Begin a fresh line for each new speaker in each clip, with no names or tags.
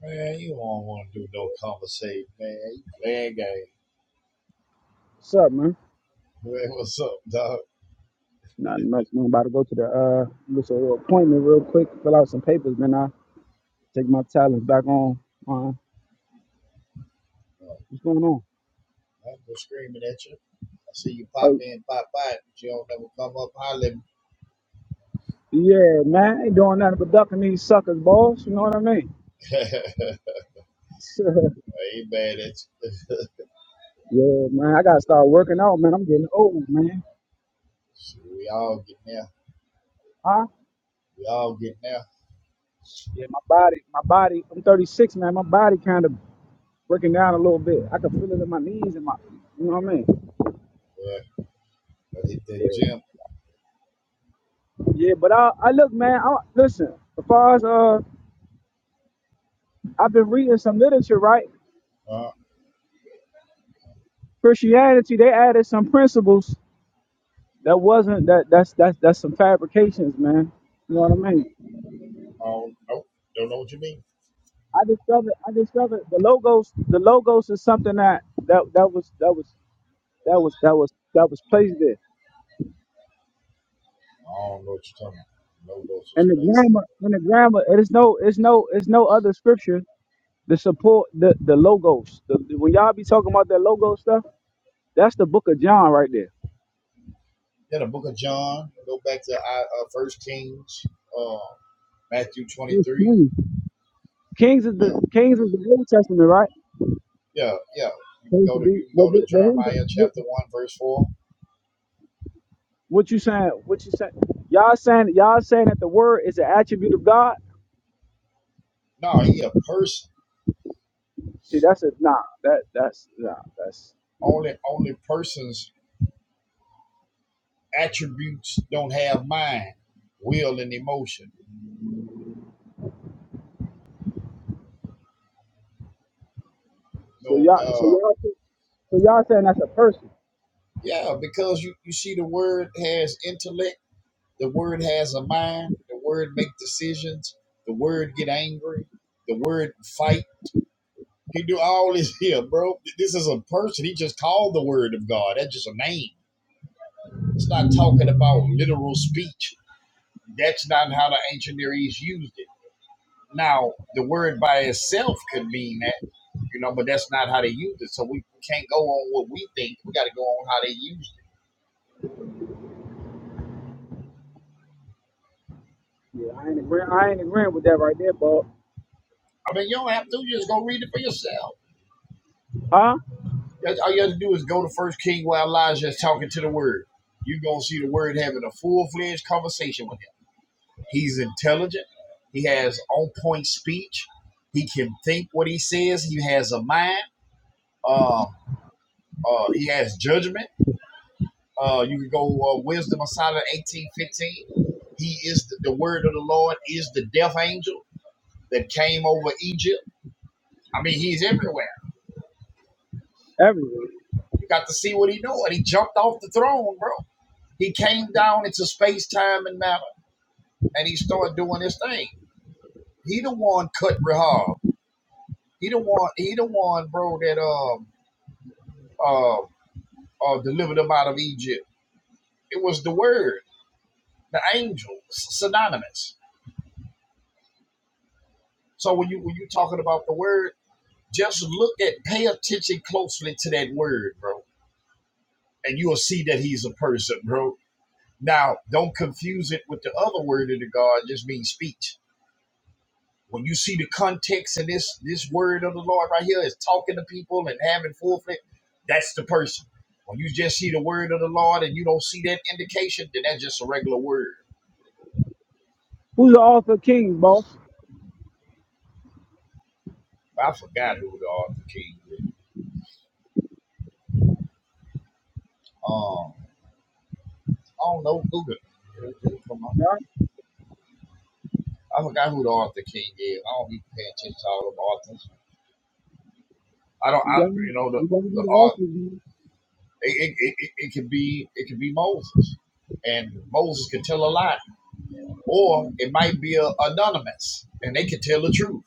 Man, you don't want to do no conversation, man. You playing game.
What's up, man?
Man, what's up, dog?
Not much, man. About to go to the uh, get a little appointment real quick, fill out some papers, then I take my talents back on. Uh, what's going on?
I'm just screaming at you. I see you pop
Oh,
in, pop out, but you don't never come up holler at me.
yeah, man. I ain't doing nothing but ducking these suckers, boss. You know what I mean?
I ain't bad at you.
yeah, man. I gotta start working out, man. I'm getting old, man.
Shit, we all get now.
Huh?
We all get now.
Yeah, my body, my body. I'm 36, man. My body kind of breaking down a little bit. I can feel it in my knees and my, you know what I mean?
Yeah, I hit that
Yeah,
gym.
yeah. But I, I look, man. I, listen. As far as uh, I've been reading some literature, right?
Uh,
Christianity, they added some principles that wasn't that that's that's that's some fabrications, man. You know what I mean?
I don't know. Don't know what you mean.
I discovered I discovered the logos the logos is something that that that was that was that was that was that was placed there.
I don't know what you're talking about. No those was
And the
placed there.
grammar and the grammar it is no it's no it's no other scripture to support the the logos. The, the- when y'all be talking about that logo stuff, that's the book of John right there.
Yeah, the book of John. Go back to uh, uh, First Kings, uh, Matthew
It's
23.
Kings Kings is
Yeah.
the Kings is the Old Testament, right?
Yeah, yeah. You can
Supposed to
go to
be,
you can
but,
go
but,
to
but
Jeremiah
who's,
chapter one verse four.
What you saying? What you saying? Y'all saying y'all saying that the word is an attribute of God?
No, he a person.
See, that's a nah. That that's nah. That's
Only only persons attributes don't have mind, will, and emotion.
so
No,
y'all. So
uh,
y'all. So y'all saying that's a person?
yeah, because you you see the word has intellect. The word has a mind. The word make decisions. The word get angry. The word fight. He do all this here, bro. This is a person. He just called the word of God. That's just a name. It's not talking about literal speech That's not how the ancient Near East used it. Now, the word by itself could mean that, you know, but that's not how they used it. So we can't go on what we think. We got to go on how they used it.
Yeah, I ain't agreeing. I ain't agreeing with that right there, boss.
I mean, you don't have to. You just go read it for yourself.
Huh?
All you have to do is go to First King where Elijah is talking to the Word. You're going to see the Word having a full fledged conversation with him. He's intelligent. He has on point speech. He can think what he says. He has a mind. Um, uh, he has judgment Uh, you can go uh, Wisdom of Solomon eighteen fifteen. He is the, the word of the Lord is the death angel that came over Egypt. I mean, he's everywhere.
Everyone.
You got to see what he doing. He jumped off the throne, bro. He came down into space, time, and matter, and he started doing his thing. He the one cut Rahab. He the one. He the one, bro. That um uh, uh delivered them out of Egypt. It was the word, the angel, synonymous. So when you when you talking about the word. Just look at, pay attention closely to that word, bro, and you'll see that he's a person, bro. Now, don't confuse it with the other word of the God, just means speech. When you see the context in this this word of the Lord right here is talking to people and having forfeit, that's the person. When you just see the word of the Lord and you don't see that indication, then that's just a regular word.
Who's the author of Kings, boss?
I forgot who the author king is. Um, I don't know. Google. it. It'll- it'll come up.
Huh?
I forgot who the author king is. I don't be paying attention to all the authors. I don't,
You
I,
gotta
you
be-
know, the,
you gotta
the
be the
art,
author. dude.
it, it, it, it could be, it could be Moses, and Moses could tell a lie, or it might be a, anonymous, and they could tell the truth.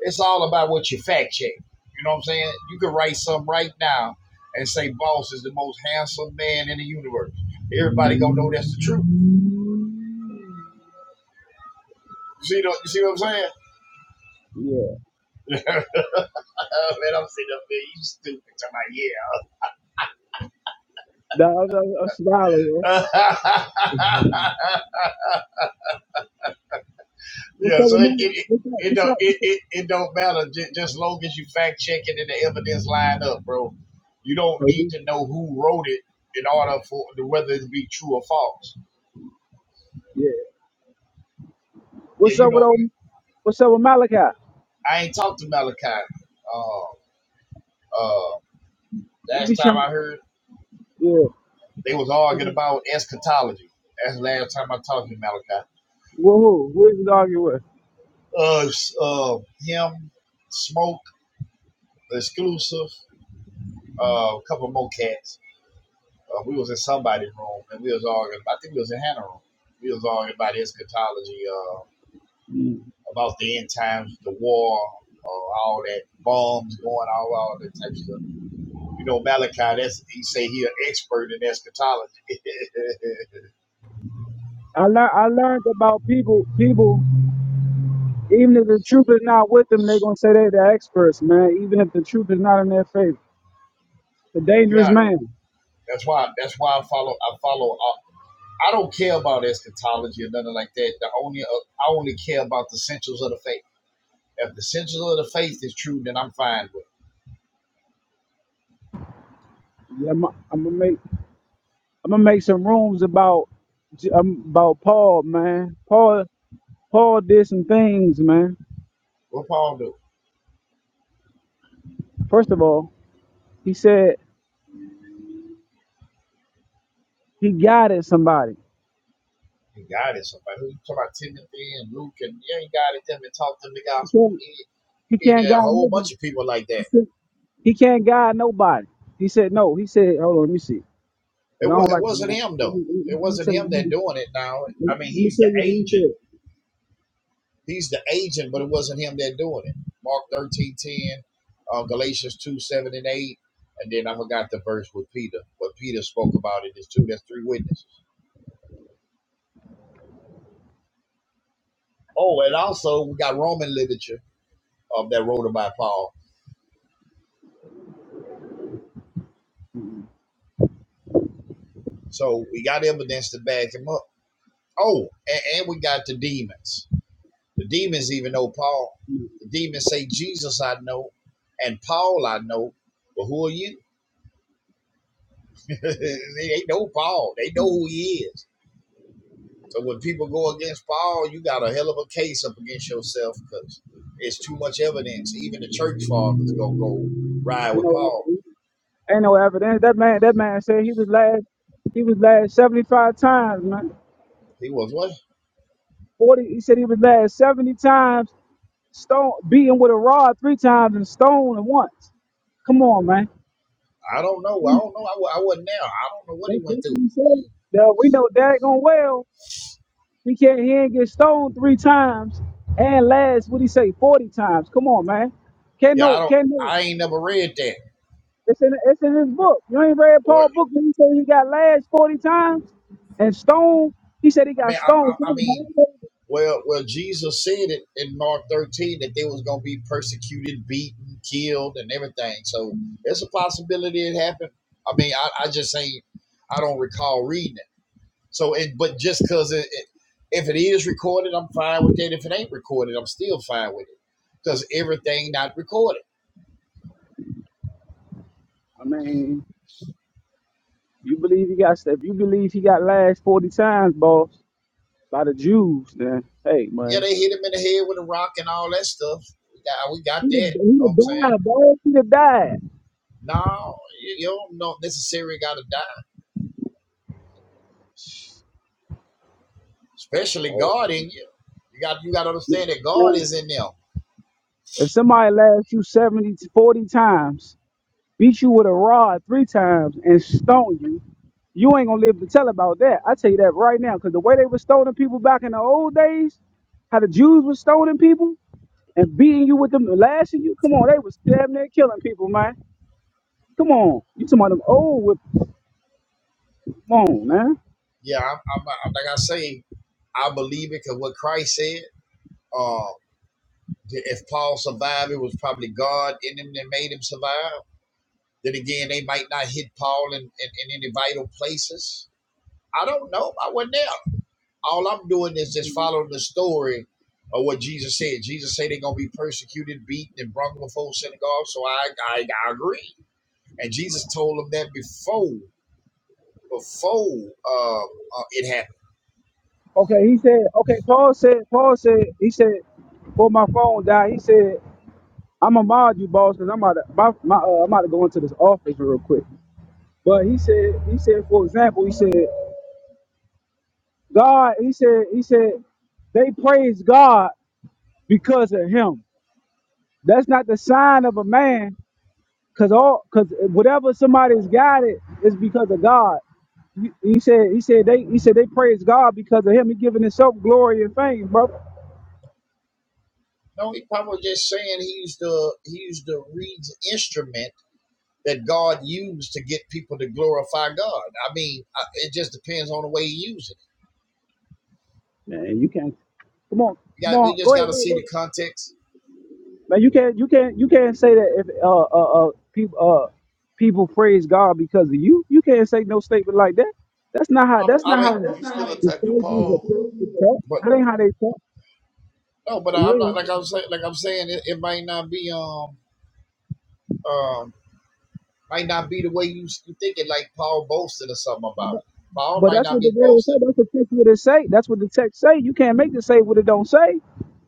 It's all about what you fact check. You know what I'm saying? You could write something right now and say Boss is the most handsome man in the universe. Everybody gonna know that's the truth. You see, the, you see what I'm saying?
Yeah.
man, I'm sitting up there, you stupid. Talking
The other a scholar.
about,
yeah.
yeah.
What's
Yeah,
up
so
with
it it
me?
it,
What's up?
it
What's
don't
up?
it,
What's up?
it, it don't matter just, just long as you fact check it and the evidence line up, bro. You don't
Oh,
need to know who wrote it in order for whether it be true or false.
yeah.
Yeah,
What's
you
up with
know,
old What's up with Malachi?
I ain't talked to Malachi. Uh, uh,
You
last
be
time
trying,
I heard,
yeah.
they was arguing about eschatology. That's the last time I talked to Malachi.
Well, who? Who is he arguing with?
Uh, s- uh, him, Smoke, Exclusive, uh, a couple more cats Uh, we was in somebody's room and we was arguing. I think we was in Hannah's room. We was arguing about eschatology, uh, about the end times, the war, uh, all that bombs going, all all that type of stuff. You know, Malachi, that's he say he an expert in eschatology.
I learned, I learned about people, people, even if the truth is not with them, they're going to say they're the experts, man. Even if the truth is not in their favor. The
yeah,
dangerous man.
that's why that's why I follow I follow uh, I don't care about eschatology or nothing like that. The only uh, I only care about the essentials of the faith. If the essentials of the faith is true, then I'm fine with it.
Yeah, I'm, I'm going to make, I'm going to make some rooms about, um, about Paul, man. Paul, Paul did some things, man.
What Paul do?
First of all, he said he guided somebody.
He guided somebody. Who you talking about Timothy and Luke and yeah, he guided them and taught them the
He
gospel.
can't,
He,
he
he
can't
did a
guide
whole
nobody.
bunch of people like that.
He can't guide nobody. He said no. He said, hold on, let me see, because
It
I
wa-
don't
it
like. Let
wasn't
me,
him
let
though.
me
It
let me
wasn't
tell you.
him that
Let
doing it now.
me
I mean
let me
he's
tell
the
you what he
agent.
said.
He's the agent, but it wasn't him that doing it. Mark thirteen ten, uh, Galatians two, seven and eight. And then I forgot the verse with Peter. What Peter spoke about it is two, that's three witnesses. Oh, and also we got Roman literature um, that wrote about Paul. So we got evidence to back him up. Oh, and, and we got the demons. The demons even know Paul. The demons say, Jesus I know, and Paul I know, but who are you? they know Paul. They know who he is. So when people go against Paul, you got a hell of a case up against yourself because it's too much evidence. Even the church fathers go go ride
Ain't
with
no
Paul.
evidence. Ain't no evidence. That man. That man said he was last. He was last seventy-five times, man.
He was what?
Forty. He said he was last seventy times. Stone beaten with a rod three times and stoned and once. Come on, man.
I don't know. I
That's,
don't know. I, wa- I wasn't there. I don't know what
that's
he went
what
through.
he said. Now, we know daggone well He can't he ain't get stoned three times and last what he say forty times. Come on, man. Can't
Yeah, I
no
don't.
can't no.
I ain't never read that.
It's in it's in his book. You ain't read
Or
Paul
I
book when he said he got last forty times and stoned. He said he got
mean, I,
stoned. Come
I, I mean,
on, man.
Well, well, Jesus said it in Mark 13 that they was going to be persecuted, beaten, killed, and everything. So it's a possibility it happened. I mean, I, I just ain't, I don't recall reading it. So, it, but just because it, it, if it is recorded, I'm fine with that. If it ain't recorded, I'm still fine with it because everything not recorded.
I mean, you believe he got if you believe he got last forty times, boss, by the Jews, then hey
Yeah,
man.
they hit him in the head with a rock and all that stuff. We got, we got
He'd
that. You
have,
know
he'd
what I'm saying?
have died, boy. He'd have died.
No, you you don't know necessarily got to die. especially
Oh,
God in you. You got you got to understand that God
man.
is in them.
If somebody lasts you 70 to 40 times beat you with a rod three times and stone you, you ain't gonna live to tell about that. I tell you that right now, because the way they were stoning people back in the old days, how the Jews were stoning people and beating you with them, lashing you. Come on, they was damn near killing people, man. Come on, you talking about them old whip? Come on, man.
Yeah, I'm, I'm like I say, I believe it because what Christ said. Uh, if Paul survived, it was probably God in him that made him survive. Then again, they might not hit Paul in, in, in any vital places. I don't know. I wasn't there. All I'm doing is just following the story of what Jesus said. Jesus said they're gonna be persecuted, beaten, and brought before synagogues. So I I, I agree. And Jesus told them that before. before um, uh, it happened.
Okay, he said. Okay, Paul said. Paul said. He said. Before my phone died, he said, "I'm gonna mod you, boss, because I'm about to, my, my uh, I'm about to go into this office real quick." But he said. He said, for example, he said. God, he said, he said, they praise God because of him. That's not the sign of a man, cause all cause whatever somebody's got it is because of God. He he said, he said they he said they praise God because of him. He giving himself glory and fame, bro.
No, he probably just saying he's the he's the reeds instrument that God used to get people to glorify God. I mean, I, it just depends on the way you use it.
Man, you can't come on,
You
come
got we
on,
just
go ahead,
got to see
go ahead,
the context.
Man, you can't you can't you can't say that if uh uh, uh people uh people praise God because of you. You can't say no statement like that. That's not how
Um,
That's
that's
I
not
not
mean,
how
how. That's You not how still
the
attacking
Pharisees or
Paul?
prophets talk.
but
That ain't how they talk.
no, but
So you
I'm
ain't
not like
gonna,
I'm saying like I'm saying it, it might not be um um might not be the way you you think it. Like Paul boasted or something about it. Paul
but
might
that's
not
what the
be
Bible
boasting.
say. That's what the text what it say. That's what the text say. You can't make it say what it don't say.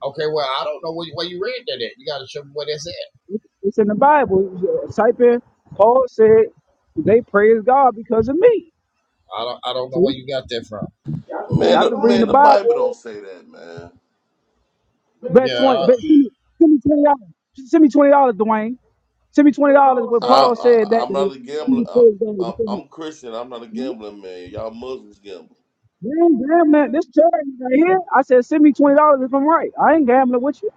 Okay, well I don't know where, you- where you read that at. You got to show me where that's at.
It's it's in the Bible. Type in Paul said they praise God because of me.
I don't I don't know
See,
where you got that from.
Y'all can Man, read
I've
the
been
the,
reading the
man, the Bible. Bible
Bible.
don't say that, man. Back
Yeah,
Bet
what
twenty.
uh,
back
Bet send me, send me twenty dollars. Send me twenty dollars, Dwayne. Send me twenty
what
dollars.
Paul
What
I,
Paul
said that.
said
I
that
I'm
that
not a
he
gambler.
was
I,
praised God. You
I,
think that-
I'm Christian. I'm not a gambling man. Y'all Muslims gamble.
Damn, damn, man, gambling. this charity right here. I said, send me twenty dollars if I'm right. I ain't gambling with you.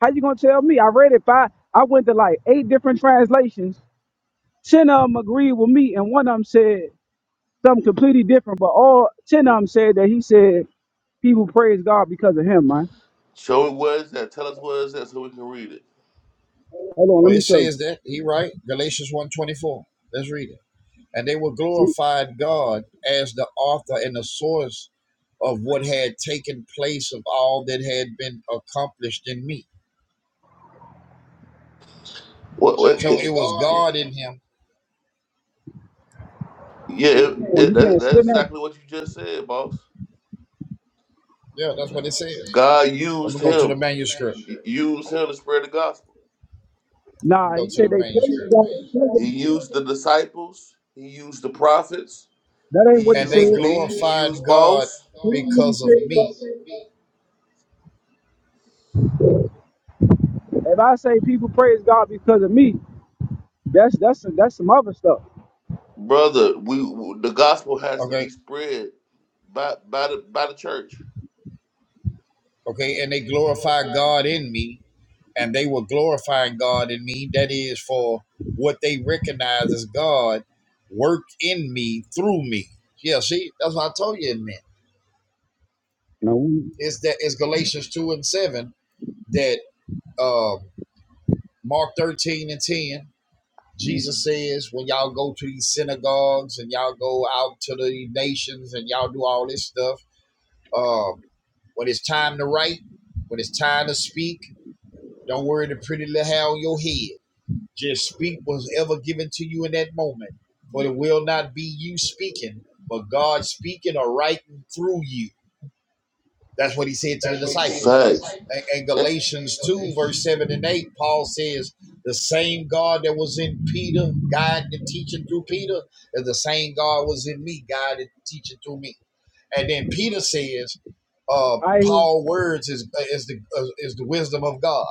How you gonna tell me? I read it five. I went to like eight different translations. Ten of them agreed with me, and one of them said something completely different. But all ten of them said that he said people praise God because of him, man.
Show it where it's at. Tell us where it's at so we can read it.
Hold on,
oh,
let
it
me show you.
says that he right Galatians one let Let's read it. And they will
See,
glorify God as the author and the source of what had taken place of all that had been accomplished in me.
What? what
So it was
it,
God in him.
yeah, it,
well,
it,
you
that,
can't
that's
spin that.
exactly what you just said, boss.
Yeah, that's what it says.
God
I'm
used
gonna go to
him.
the manuscript.
Used him to spread the gospel.
I'm
Nah,
gonna
he
go to
said
the
they praise
manuscript.
God because of
He
you.
used the disciples, he used the prophets,
That ain't
he
what he
And
said.
they
used me, he
glorified
used both,
God
That ain't what he
because of
said.
me.
If I say people praise God because of me, that's that's that's some other stuff.
Brother, we the gospel has to be
Okay,
spread by by the by the church.
okay, and they glorified God in me and they were glorifying God in me. That is for what they recognize as God worked in me through me. Yeah, see, that's what I told you it meant.
You know, we-
It's that it's Galatians two and seven that uh, Mark thirteen and ten.
we-
Jesus says, when y'all go to these synagogues and y'all go out to the nations and y'all do all this stuff, uh, when it's time to write, when it's time to speak, don't worry the pretty little hair on your head. Just speak what's ever given to you in that moment, for it will not be you speaking, but God speaking or writing through you. That's what he said to the disciples.
Facts.
And,
And-
Galatians 2, verse 7 and 8, Paul says, the same God that was in Peter, guiding and teaching through Peter, is the same God was in me, guiding and teaching through me. And then Peter says, uh,
I
Paul words is is the uh, is the wisdom of God.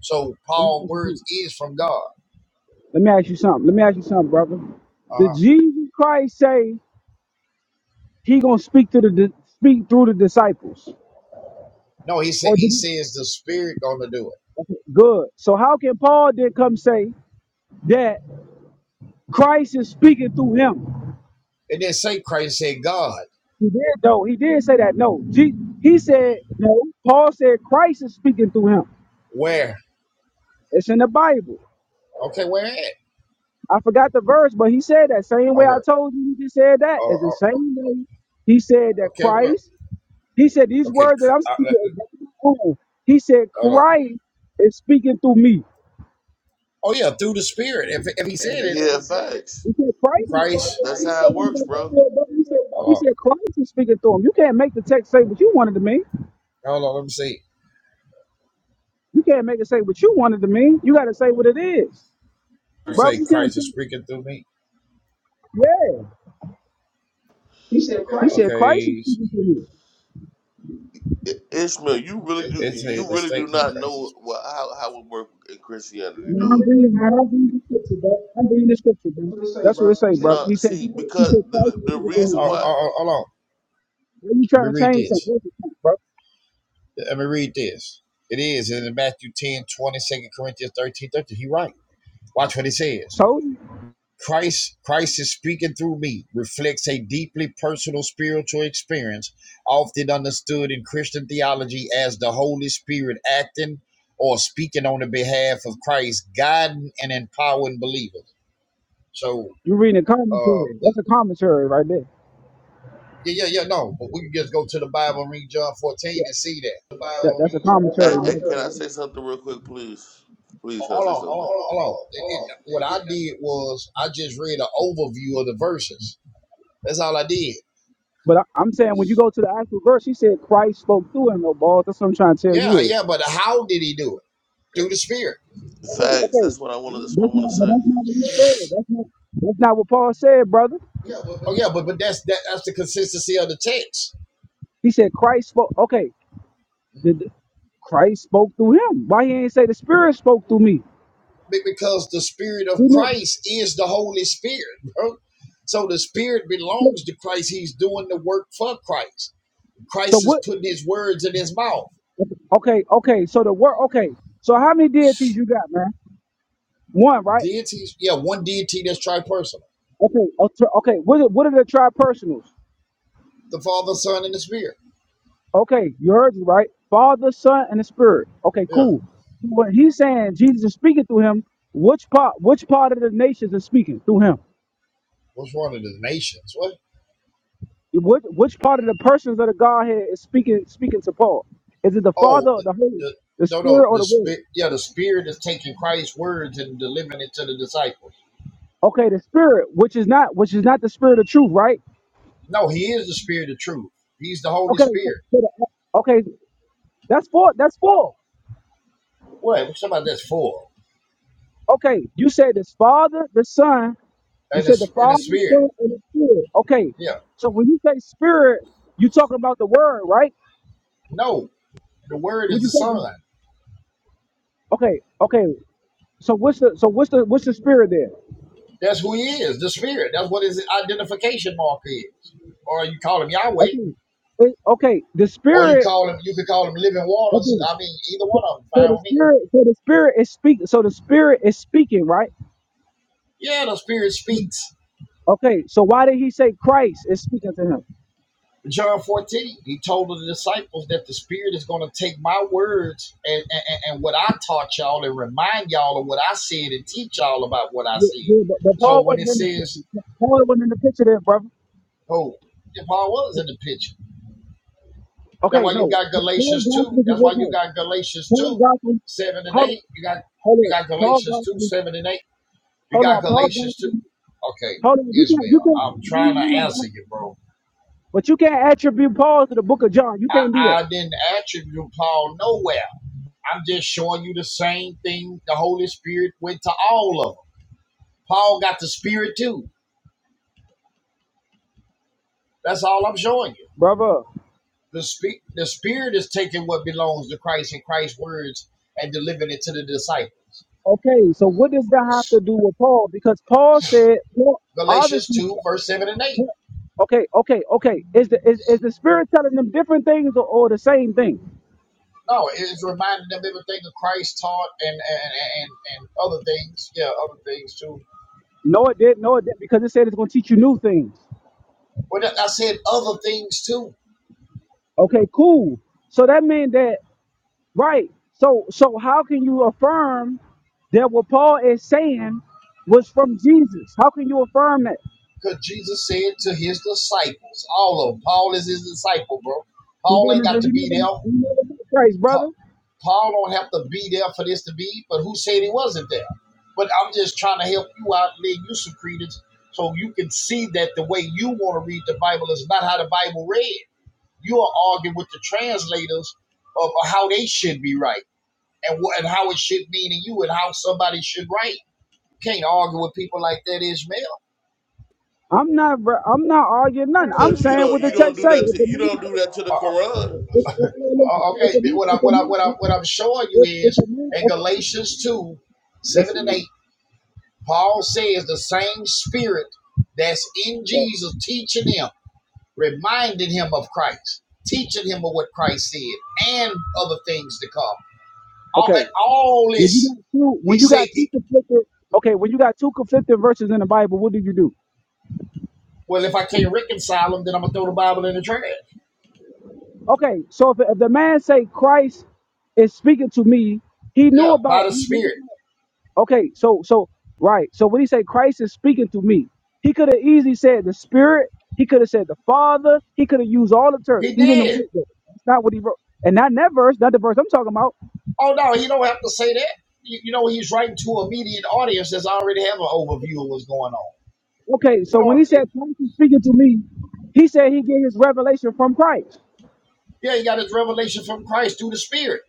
So
let me
Paul
ask you
words is from God.
let me ask you something. Let me ask you something, brother.
Uh-huh.
Did Jesus Christ say he gonna speak to the di- speak through the disciples?
No, he said
Or
he
did he?
says the spirit gonna do it.
okay, Good. So how can Paul then come say that Christ is speaking through him?
It didn't say Christ, it said God.
He did though. He did say that. No, Je- he said no. Paul said Christ is speaking through him.
Where?
It's in the Bible.
Okay, where at?
I forgot the verse, but he said that same way I
Okay.
told you. He just said that.
Oh,
It's the
oh,
same way he said that
okay, where?
Christ. He said these
Okay,
words that
c-
I'm
uh,
speaking. is not my own. He said
hold on.
Christ is speaking through me.
Oh yeah, through the spirit. If if he said it,
Yeah, facts.
He said Christ is speaking
Christ.
through
That's
me. He
how it
said, "Ain't
works,
nobody else
bro.
said that." He said he
Hold on.
said Christ is speaking through him. You can't make the text say what you wanted to mean.
Hold on, let me see.
You can't make it say what you wanted to mean. You got to say what it is,
You
brother.
say
You can't.
Christ is speaking through me?
Yeah. He said Christ is
Okay.
speaking through me.
I- Ishmael, you really do
It say
you
the
really do
statement
not
Christ is
know
speaking.
what how how it works in Christianity,
Man, I'm
do
bringing, man, I'm bringing the scripture, bro. I'm
it.
bringing the scripture, bro. That's what it say, bro.
No,
He said,
see,
he
because
said,
the,
Christ
the
is
the
the bringing,
reason
Oh,
bro.
why.
oh, oh, hold on.
Why you
Let
trying to
me read
change something,
this.
What's it called, bro?
Let me read this. It is in Matthew 10 20 second, Corinthians thirteen thirty. He right. Watch what he says.
Told you.
Christ, Christ is speaking through me reflects a deeply personal spiritual experience, often understood in Christian theology as the Holy Spirit acting or speaking on the behalf of Christ, guiding and empowering believers. So,
You reading a
uh,
commentary.
the-
That's a commentary right there.
yeah, yeah, yeah, no, but we can just go to the Bible and read John 14
Yeah,
and see that.
that, that's a
Hey,
commentary,
hey,
bro.
can I say something real quick, please?
Oh,
Please, can I
Hold
say
on, hold
something?
on, hold on. It, it, what I did was I just read an overview of the verses. That's all I did.
But I, I'm saying when you go to the actual verse, he said Christ spoke through him, no balls. That's what I'm trying to tell
Yeah,
you is.
yeah, but how did he do it? Through the Spirit.
Facts.
Okay,
That's what I want. That's what I
that's not, but
want
that's not what he said. That's not, that's not what Paul said, brother.
to
Oh yeah,
say.
but but that's that, that's the consistency of the text
He said Christ spoke. Okay, the, the- Christ spoke through him. Why he ain't say the Spirit spoke through me?
because the Spirit of Christ is the Holy Spirit, bro. So the Spirit belongs to Christ. He's doing the work for Christ.
So
Christ is
what?
putting His words in His mouth.
Okay, okay. So the word. Okay. So how many deities you got, man? One, right?
Deities, yeah, one deity that's tripersonal:
Okay. a tri- Okay. What? Are, what are the tripersonals?
the Father, Son, and the Spirit.
Okay, you heard me, right? Father, Son, and the Spirit. Okay,
Yeah,
cool. When he's saying Jesus is speaking through him, which part? Which part of the nations is speaking through him?
what's one of the nations? What?
Which Which part of the persons of the Godhead is speaking speaking to Paul? Is it the
Oh,
Father, or
the,
the Holy,
the,
the
no, no,
Spirit, or
the
the Word?
Spirit. Yeah, the Spirit is taking Christ's words and delivering it to the disciples.
Okay, the Spirit, which is not which is not the Spirit of truth, right?
No, He is the Spirit of truth. He's the Holy
Okay. So,
Spirit.
so the, okay. That's four. That's four.
What? Somebody that's full
Okay, you said it's Father, the Son. You
and
said the
it's in the
Father, the
spirit.
Son, and the Spirit. Okay,
Yeah.
so when you say Spirit, you talking about the Word, right?
No, the word is
When
the
you talking,
son.
okay, okay. So what's the so what's the what's the Spirit there?
That's who he is, the spirit. That's what his identification mark is. Or you call him Yahweh,
Okay, It- okay. The
or you
Spirit.
call him. You could call him living waters.
Okay.
I mean, either one of them.
So
Fine
the
with me.
Spirit. So the Spirit is speaking. So the Spirit is speaking, right?
Yeah, the spirit speaks.
Okay, so why did he say Christ is speaking to him?
John 14, he told the disciples that the Spirit is going to take my words and, and, and what I taught y'all and remind y'all of what I said and teach y'all about what I
Yeah,
said.
yeah, but, but
So
Paul
when it
wasn't in the
says,
picture. Paul wasn't in the picture there, brother.
oh, Paul was in the picture. That's
Okay,
why you
no.
got
Paul
Galatians 2.
Gospel is a
That's
real
why you
no.
got Galatians
Paul
2,
Gospel,
7 and
hold
8.
on,
You got
hold
you
on.
got
Paul
Galatians 2,
Gospel,
7 and 8. You
hold
got
on. Paul
Galatians 2.
Gospel,
Okay,
hold on. You can't, you
Ishmael,
can't, hold
I'm trying
on, hold
to
on,
answer
bro.
you, bro.
but you can't attribute Paul to the book of John. You can't do
I,
that,
I didn't attribute Paul nowhere. I'm just showing you the same thing the Holy Spirit went to all of them. Paul got the Spirit too. That's all I'm showing you.
brother.
The, spe- the Spirit is taking what belongs to Christ and Christ's words and delivering it to the disciples.
Okay, so what does that have to do with Paul? Because Paul said, Paul,
Galatians
obviously,
2, verse 7 and 8.
Paul- okay, okay, okay. Is the is, is the Spirit telling them different things or, or the same thing?
No, it- it's reminding them everything that Christ taught and and, and, and other things. Yeah, other things too.
No, it did. No, it did. Because it said it's going to teach you new things.
Well, that- I said other things too,
Okay, cool. So that means that. Right. So so how can you affirm that what Paul is saying was from Jesus? How can you affirm that?
because Jesus said to his disciples, all of them. Paul is his disciple, bro.
He,
Paul ain't
wasn't,
got to
he,
be
never,
there.
he
Pa-
never met Christ, brother.
Paul don't have to be there for this to be. But who said he wasn't there? But I'm just trying to help you out, and leave you some credence, so you can see that the way you want to read the Bible is not how the Bible read. You are arguing with the translators of how they should be right and what and how it should mean to you and how somebody should write. You can't argue with people like that, Ishmael.
I'm not I'm not arguing nothing. I'm
Cause you
saying
don't
what the
you don't
text
do
say.
that
If
to
a
you
man
don't do that to the
Uh, uh,
Quran.
if, if, listen,
uh,
if
okay,
a man
what I
if a
what I
man
what I
if,
what I'm showing you
if if
is
a man
in
if
Galatians two,
a,
seven
listen
and
man.
eight, Paul says the same spirit that's in
Uh,
Jesus teaching him, reminding him of Christ, teaching him of what Christ said and other things to come. All,
Okay.
all
When you
this,
got two when
he
you
said.
got two conflicted okay, when you got two conflicting verses in the Bible, what do you do?
Well, if I can't reconcile them, then I'm gonna throw the Bible in the trash.
Okay, so if, if the man say Christ is speaking to me, he
Yeah,
knew
by
about.
the
he knew
Spirit,
about- Okay, so so right, so when he said Christ is speaking to me, he could have easily said the Spirit. He could have said the Father. He could have used all the terms.
he
He didn't write
did.
that. That's not what he wrote. And not in that verse, not the verse I'm talking about.
Oh no, he don't have to say that. You, you know he's writing to a immediate audience that's already have an overview of what's going on.
Okay,
You
so
know,
when he said Christ is speaking to me, he said he get his revelation from Christ.
Yeah, he got his revelation from Christ through the Spirit.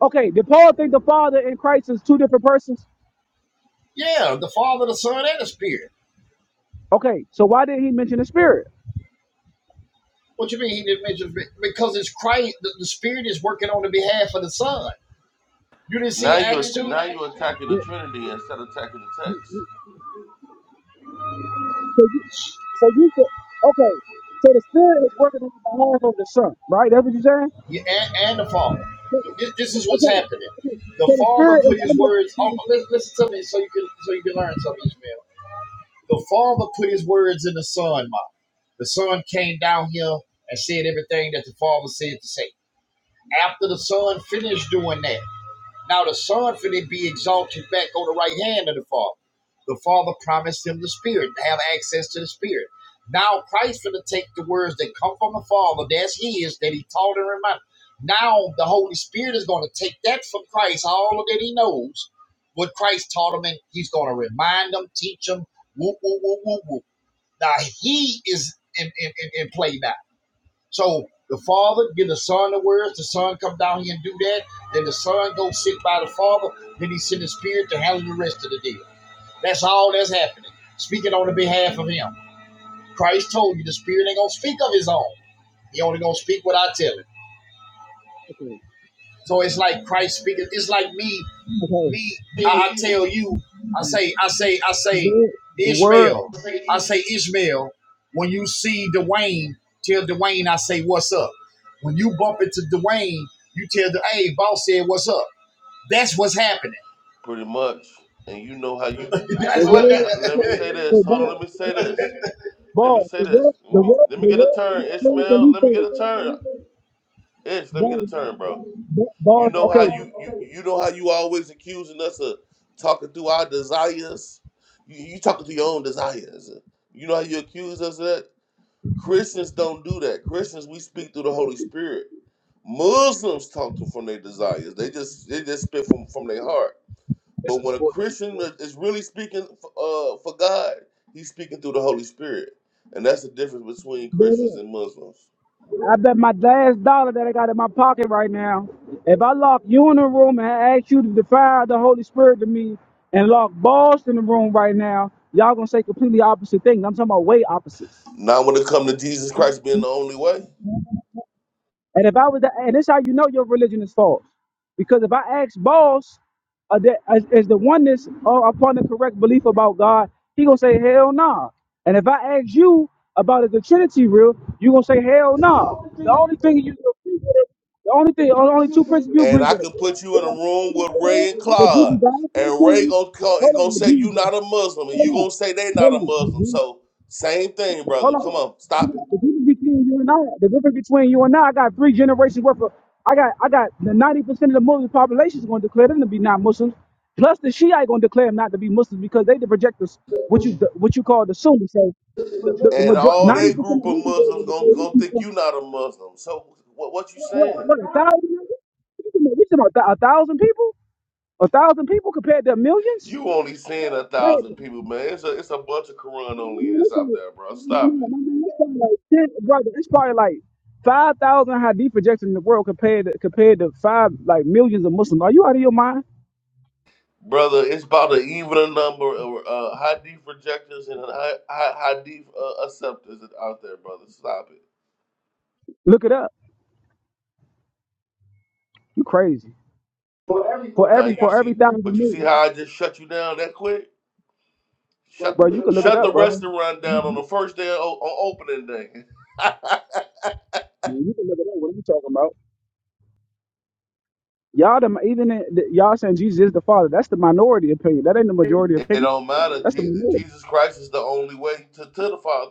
Okay, did Paul think the Father and Christ is two different persons?
Yeah, the Father, the Son, and the Spirit.
Okay, so why did he mention the Spirit?
What you mean he didn't mention because it's Christ. The, the Spirit is working on the behalf of the Son. You didn't
Now
see
you're
Acts two
now you're attacking the Trinity instead of attacking the text.
So you could, okay. So the spirit is working on behalf of the son, right? That's what you're saying.
yeah, and, and the Father. This, this is what's
Okay.
happening.
okay.
The
So the
Father
spirit
put
is
His words. Oh,
under.
listen, listen to me, so you can so you can learn something, Ishmael. The Father put his words in the Son mouth. The Son came down here and said everything that the Father said to say. After the Son finished doing that, now the Son finna be exalted back on the right hand of the Father. The Father promised him the Spirit to have access to the Spirit. Now Christ finna take the words that come from the Father, that's his, that he taught and reminded. Now the Holy Spirit is gonna take that from Christ, all of that he knows, what Christ taught him, and he's gonna remind them, teach them, woo, woo, woo, woo, woo. Now he is in, in, in, play now. So the father give the son the words, the son come down here and do that, then the son go sit by the father, then he send the spirit to handle the rest of the deal. That's all that's happening. Speaking on the behalf of him. Christ told you the spirit ain't gonna speak of his own. He only gonna speak what I tell him.
Okay.
So it's like Christ speaking. It's like me
Okay.
me,
tell
I, I
you,
tell you, I say, I say, I say,
The, the word.
Ishmael,
say
I say,
Israel.
Ishmael, when you see Dwayne, tell Dwayne, I say, what's up? When you bump into Dwayne, you tell the, hey, boss said, what's up? That's what's happening.
Pretty much. And you know how you.
The
That's what
and,
that,
word.
uh,
that.
let me
Okay.
say this.
So
Hold on. Let me say
God.
this. Let me
Boss,
say
the
this.
word,
Let
the
me,
word,
let
the
me get a
word is
turn,
playing
Ishmael. Let me
for
get a turn. Ish, let me
Boss,
get a turn, bro. You
boss,
know how
okay.
you you, you know how you always accusing us of talking through our desires. You, you talking through your own desires. You know how you accuse us of that. Christians don't do that. Christians, we speak through the Holy Spirit. Muslims talk to from their desires. They just they just spit from from their heart.
This
But
is
when a
sport.
Christian is really speaking uh, for God, he's speaking through the Holy Spirit, and that's the difference between Christians and Muslims.
I bet my last dollar that I got in my pocket right now, if I lock you in the room and ask you to defy the Holy Spirit to me and lock boss in the room right now, y'all gonna say completely opposite things. I'm talking about way opposites.
Now, when it comes to Jesus Christ being the only way,
And if I was, to- and this how you know your religion is false, because if I ask boss, uh, that is, is the oneness or upon the correct belief about God, he gonna say hell nah. And if I ask you about is the Trinity real, you gonna say hell nah. The only thing you agree with him, the only thing, or the only two principles you
and
agree
I
with him.
can put you in a room with
Yeah,
Ray and
the Jesus
Clyde,
died for the
and Ray
sins.
gonna call and
Hold
gonna
on,
say you
Jesus,
not a Muslim, and
hold
you
on,
gonna say they not
hold
a Muslim.
on.
So same thing,
Hold
brother.
on.
Come on,
You
stop it.
got- The difference between you and I, the difference between you and I, I got three generations worth of, I got, I got the ninety percent of the Muslim population is going to declare them to be non-Muslims. Plus the Shiite going to declare them not to be Muslims because they the projectors, what you the, what you call the Sunni. So the the, the
And
major
all
ninety
that
percent
group
of
of
Muslims will
Muslims
declare
gonna
these
gonna think
people
you not a Muslim. So what what you
what
saying?
what a thousand. niggas? We talking about we talking about a thousand people, a thousand people compared to millions.
You only seeing a thousand people, man. It's a it's a bunch of Quran only
Man,
that's
it's like,
out there, bro. Stop
man, my
it,
man, it's probably like ten, brother. It's probably like five thousand Hadith projections in the world compared to compared to five like millions of Muslims. Are you out of your mind?
brother. It's about an even number of uh, hadith rejectors and hi- hi- hadith uh, acceptors that's out there, brother. Stop it.
Look it up. You crazy.
For every
For
for every Now
every
you
for
thousand see,
every
views.
thousand
but you see
million,
how I just shut you down that quick. Well, Shut
bro, you can look
shut
it
the
up, brother.
restaurant
You
down on the
you-
first day o- on opening day.
man, you can look it up. What are you talking about? Y'all, the, even in, the, y'all saying Jesus is the Father. That's the minority opinion. That ain't the majority
It
opinion.
don't matter.
That's the
Je-
minority.
Jesus Christ is the only way to, to the Father.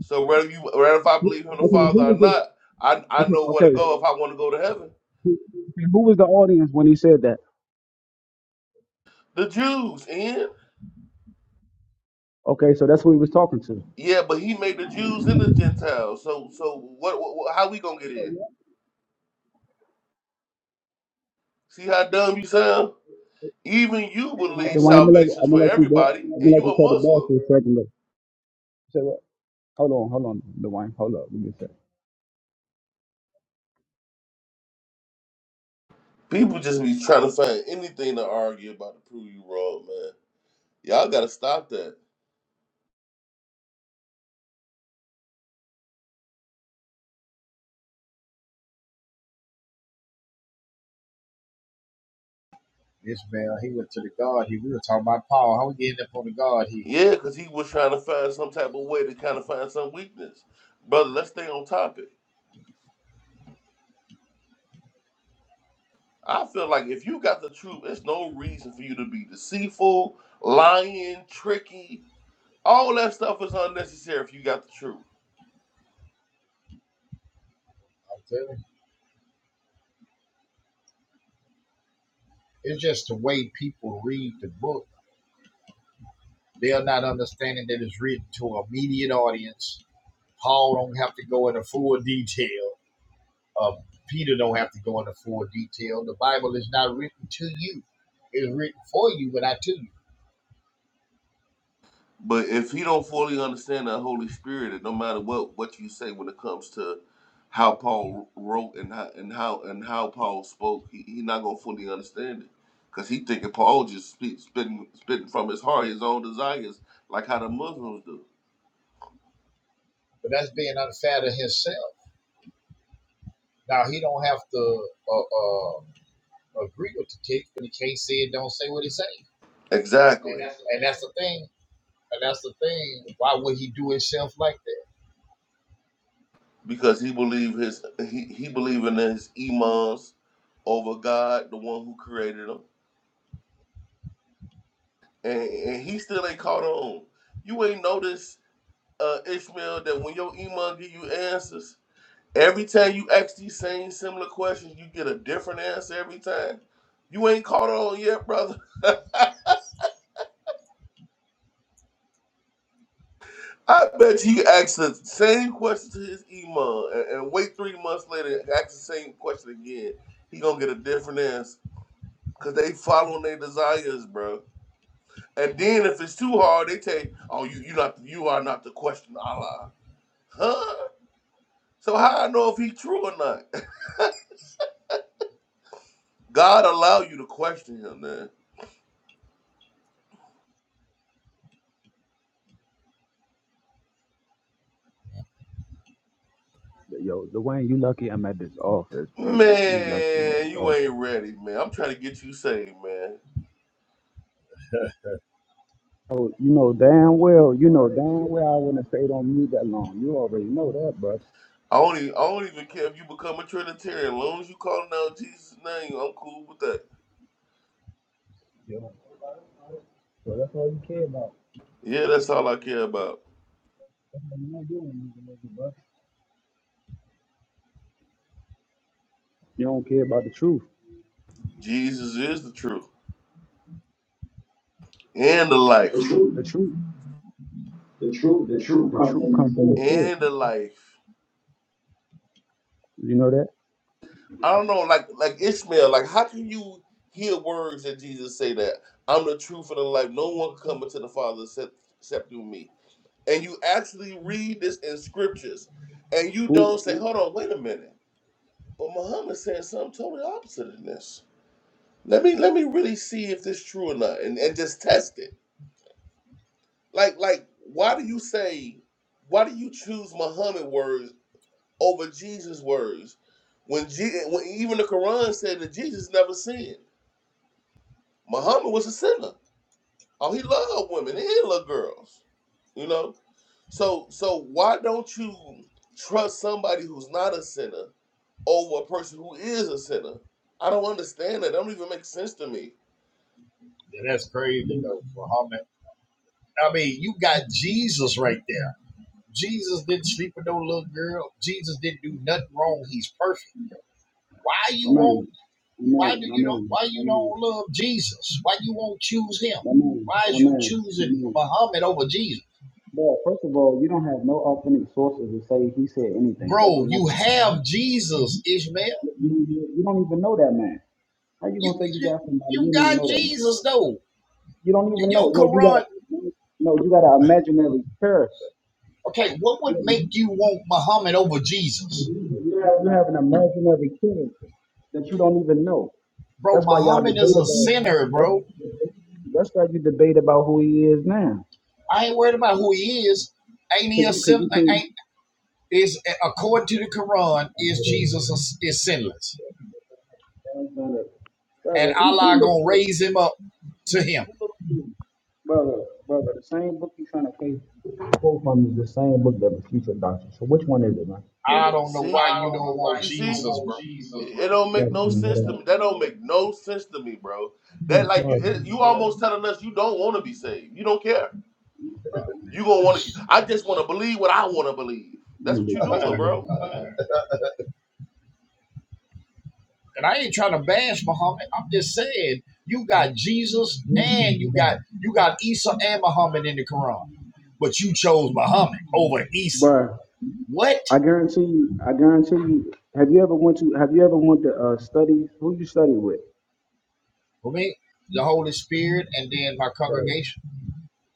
So whether you whether if I
Okay,
believe in the Father
who
or
was the
not, I I
okay?
know where to
Okay,
go if I want to go to heaven.
who, okay, who was the audience when he said that?
The Jews in.
Okay, so that's who he was talking to.
Yeah, but he made the Jews and the Gentiles. So so what, what what- how we gonna get in? See how dumb you sound? Even you
Hey,
believe
the one I'm gonna let you,
salvation's
I'm gonna
for
let you go.
everybody,
I'm
and
gonna let
you
you
a
tell the boss
Muslim.
for a second. Look, say what? Hold on, hold on, the wine. Hold up, give me a second.
People just be trying to find anything to argue about to prove you wrong, man. Y'all gotta stop that.
Ishmael, he went to the God. He, we were talking about Paul. How we getting up on the God here?
Yeah, because he was trying to find some type of way to kind of find some weakness. Brother, let's stay on topic. I feel like if you got the truth, it's no reason for you to be deceitful, lying, tricky. All that stuff is unnecessary if you got the truth.
I'm telling you. It's just the way people read the book. They're not understanding that it's written to an immediate audience. Paul don't have to go into full detail Uh, Peter don't have to go into full detail. The Bible is not written to you; it's written for you, but not to you.
But if he don't fully understand the Holy Spirit, and no matter what what you say when it comes to how Paul wrote and how and how and how Paul spoke, he, he not gonna fully understand it. Cause he thinking Paul just speak, spitting spitting from his heart, his own desires, like how the Muslims do.
But that's being unfair to himself. Now he don't have to uh, uh, agree with the text, but he can't say it. Don't say what he say,
Exactly.
and that's the thing. And that's the thing. Why would he do himself like that?
because he believed his he, he believed in his imams over God, the one who created him, and, and he still ain't caught on. You ain't noticed, uh, Ishmael, that when your imam give you answers, every time you ask these same similar questions, you get a different answer every time. You ain't caught on yet, brother. I bet he asked the same question to his imam, and, and wait three months later and ask the same question again. He gonna get a different answer because they following their desires, bro. And then if it's too hard, they tell you, "Oh, you you not you are not to question Allah." Huh? So how I know if he true or not? God allow you to question him, man.
Yo, Dwayne, you lucky I'm at this office, bro. You lucky I'm at
Man,
this
you
office.
ain't ready, man. I'm trying to get you saved, man.
Oh, you know damn well, you know damn well I wouldn't have stayed on mute that long. You already know that, bro.
I don't even, I don't even care if you become a Trinitarian. As long as you calling out Jesus' name, I'm cool with that.
Yeah. So that's all you care about.
Yeah, that's all I care about.
That's all you know you don't need to make it, bro. You don't care about the truth.
Jesus is the truth and the life. The
The
truth,
truth,
the truth,
the
the
truth,
truth
the
comes
truth
from the
comes from
soul.
the source.
And the life.
You know that?
I don't know, like like Ishmael, like how can you hear words that Jesus say that I'm the truth and the life? No one can come into the Father except, except through me. And you actually read this in scriptures, and you
Who?
don't say, "Hold on, wait a minute." But Muhammad said something totally opposite of this. Let me let me really see if this true or not, and, and just test it. Like like why do you say, why do you choose Muhammad words over Jesus words when, Je- when even the Quran said that Jesus never sinned? Muhammad was a sinner. Oh, he loved women and he loved girls. You know? So so why don't you trust somebody who's not a sinner over a person who is a sinner? I don't understand that. That don't even make sense to me.
Yeah, that's crazy though. For how many? I mean, you got Jesus right there. Jesus didn't sleep with no little girl. Jesus didn't do nothing wrong. He's perfect. Why you
My
won't
man, my
Why
man,
do
my
you don't?
man,
Why
my
you
man,
don't love Jesus? Why you won't choose him?
my man,
Why is
my
you
man, my
choosing
man.
Muhammad over Jesus,
Well, first of all, you don't have no authentic sources to say he said anything. That's
bro? You
another thing.
have Jesus, Ishmael.
You, you- you don't even know that man. How you
You
gonna say you
you,
got somebody you
you
don't even
got
know that man?
Jesus though.
You don't even
Your
know. No, you got a
Quran.
no, you got an imaginary character.
Okay, what would
You,
make you want Muhammad over Jesus,
you, you you have an imaginary character that you don't even know.
bro?
That's why y'all
Muhammad is
debate
a
about.
sinner, bro.
That's why you debate about who he is now.
I ain't worried about who he is. Ain't he
Cause
a
you, cause
sin?
you
Ain't
think.
is according to the Quran is Jesus a, is sinless,
That's not a-
and
Brother, who who
Allah
look
gonna
good?
raise him up to him.
What book you reading? Brother, brother, the same book you trying to case quote from is the same book that refutes your doctrine. So which one is it, man?
I don't know
See?
why
I
you
don't
don't
know why
want
You you see? don't
Jesus,
want
bro.
Jesus, It it don't
Right,
make no
man, it
sense to
ain't-
me. That don't make no sense to me, bro. That
it's
like you,
hard,
it, you almost telling us you don't want to be saved. You don't care.
man.
You gonna want to. I just want to believe what I want to believe.
You
That's
ain't
what you
making this,
doing,
man.
bro.
And I ain't trying to bash Muhammad. I'm just saying you got Jesus
You ain't gonna
and
be
you got you got Isa and Muhammad in the Quran, but you chose Muhammad over Isa.
Bruh,
What?
I guarantee you, I guarantee you. Have you ever went to? Have you ever went to uh, studies? Who you study with?
For me, the Holy Spirit and then my
Right.
congregation.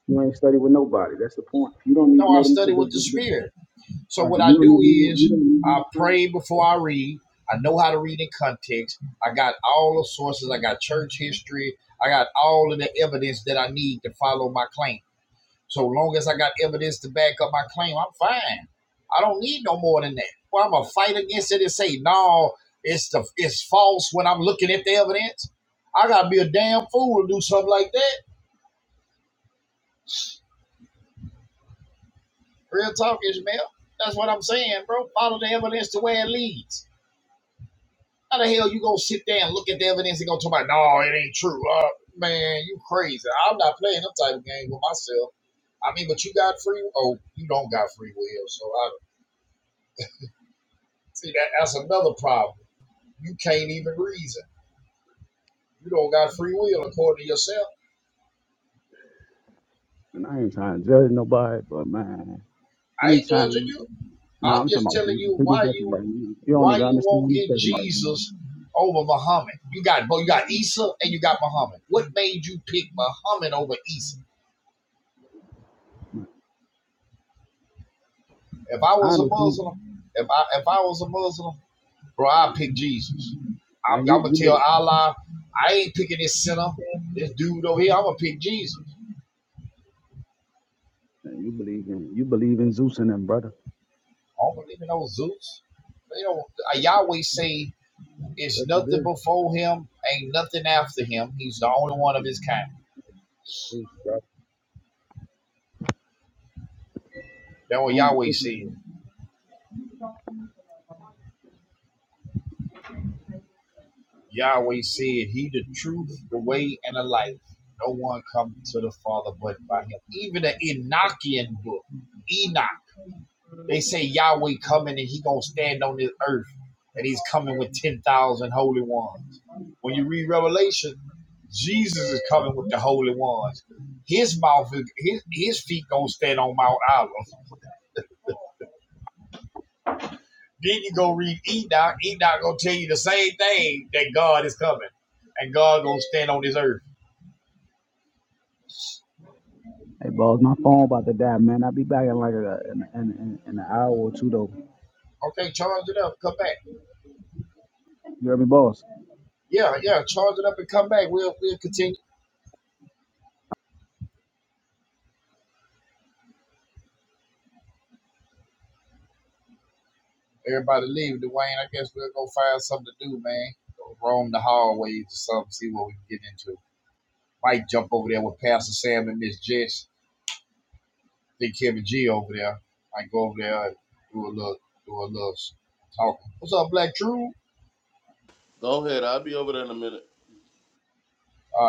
You ain't study with nobody. That's the point. You don't
No,
even
I
know them. To,
study
they,
with the
they- they-
Spirit. So
right.
what
You
I
don't
do
even. You
is I
don't even.
pray before I read. I know how to read in context. I got all the sources. I got church history. I got all of the evidence that I need to follow my claim. So long as I got evidence to back up my claim, I'm fine. I don't need no more than that. Well, I'm gonna fight against it and say no, it's the it's false when I'm looking at the evidence. I gotta be a damn fool to do something like that. Real talk, Ishmael. That's what I'm saying, bro. Follow the evidence to where it leads. How the hell you gonna sit there and look at the evidence and go talk about no, it ain't true? Uh, man, you crazy. I'm not playing them type of game with myself. I mean, but you got free. Oh, you don't got free will, so I see that. That's another problem You can't even reason. You don't got free will according to yourself.
And I ain't trying to judge nobody, but man.
I ain't judging
Anytime,
you.
no,
I'm
I'm talking
just
about
telling you
completely
why
different
you
right now. You don't
why
even
you
understand
won't get
what I'm talking about right now.
Jesus over Muhammad. You got both. You got Isa and you got Muhammad. What made you pick Muhammad over Isa? If I
I
was a
understand,
Muslim, if I if I was a Muslim, bro, I'd pick Jesus. I'm,
man.
I'm
You
gonna
you
tell
believe,
Allah, I ain't picking this sinner, this dude over here. I'm gonna pick Jesus.
man, you believe in you believe in Zeus and them, brother.
I don't believe in those Zeus. They don't. uh, Yahweh say It's
Yes, you
nothing
do.
before him, ain't nothing after him. He's the only one of his kind.
Zeus, brother.
That's what
On the
Yahweh
witness
said.
stand.
Yahweh said, He the truth, the way, and the life. No one come to the Father but by him. Even the Enochian book, Enoch, they say Yahweh coming and he gonna stand on this earth and he's coming with 10,000 holy ones. When you read Revelation, Jesus is coming with the holy ones. His mouth, is- his, his feet gonna stand on Mount Olive. Then you go read Enoch. Enoch gonna tell you the same thing that God is coming, and God gonna stand on this earth.
Hey, boss, my phone about to die, man. I'll be back in like a, in, in, in, in an hour or two, though.
Okay, charge it up, come back.
You heard me, boss?
Yeah, yeah, charge it up and come back. We'll we'll continue. Everybody leave, Dwayne. I guess we'll go find something to do, man. Go roam the hallways or something, see what we can get into. Might jump over there with Pastor Sam and Miss Jess. I Think Kevin G over there. Might go over there and do a little do a little talking. What's up, Black True? All
Go ahead. I'll be over there in a minute.
right.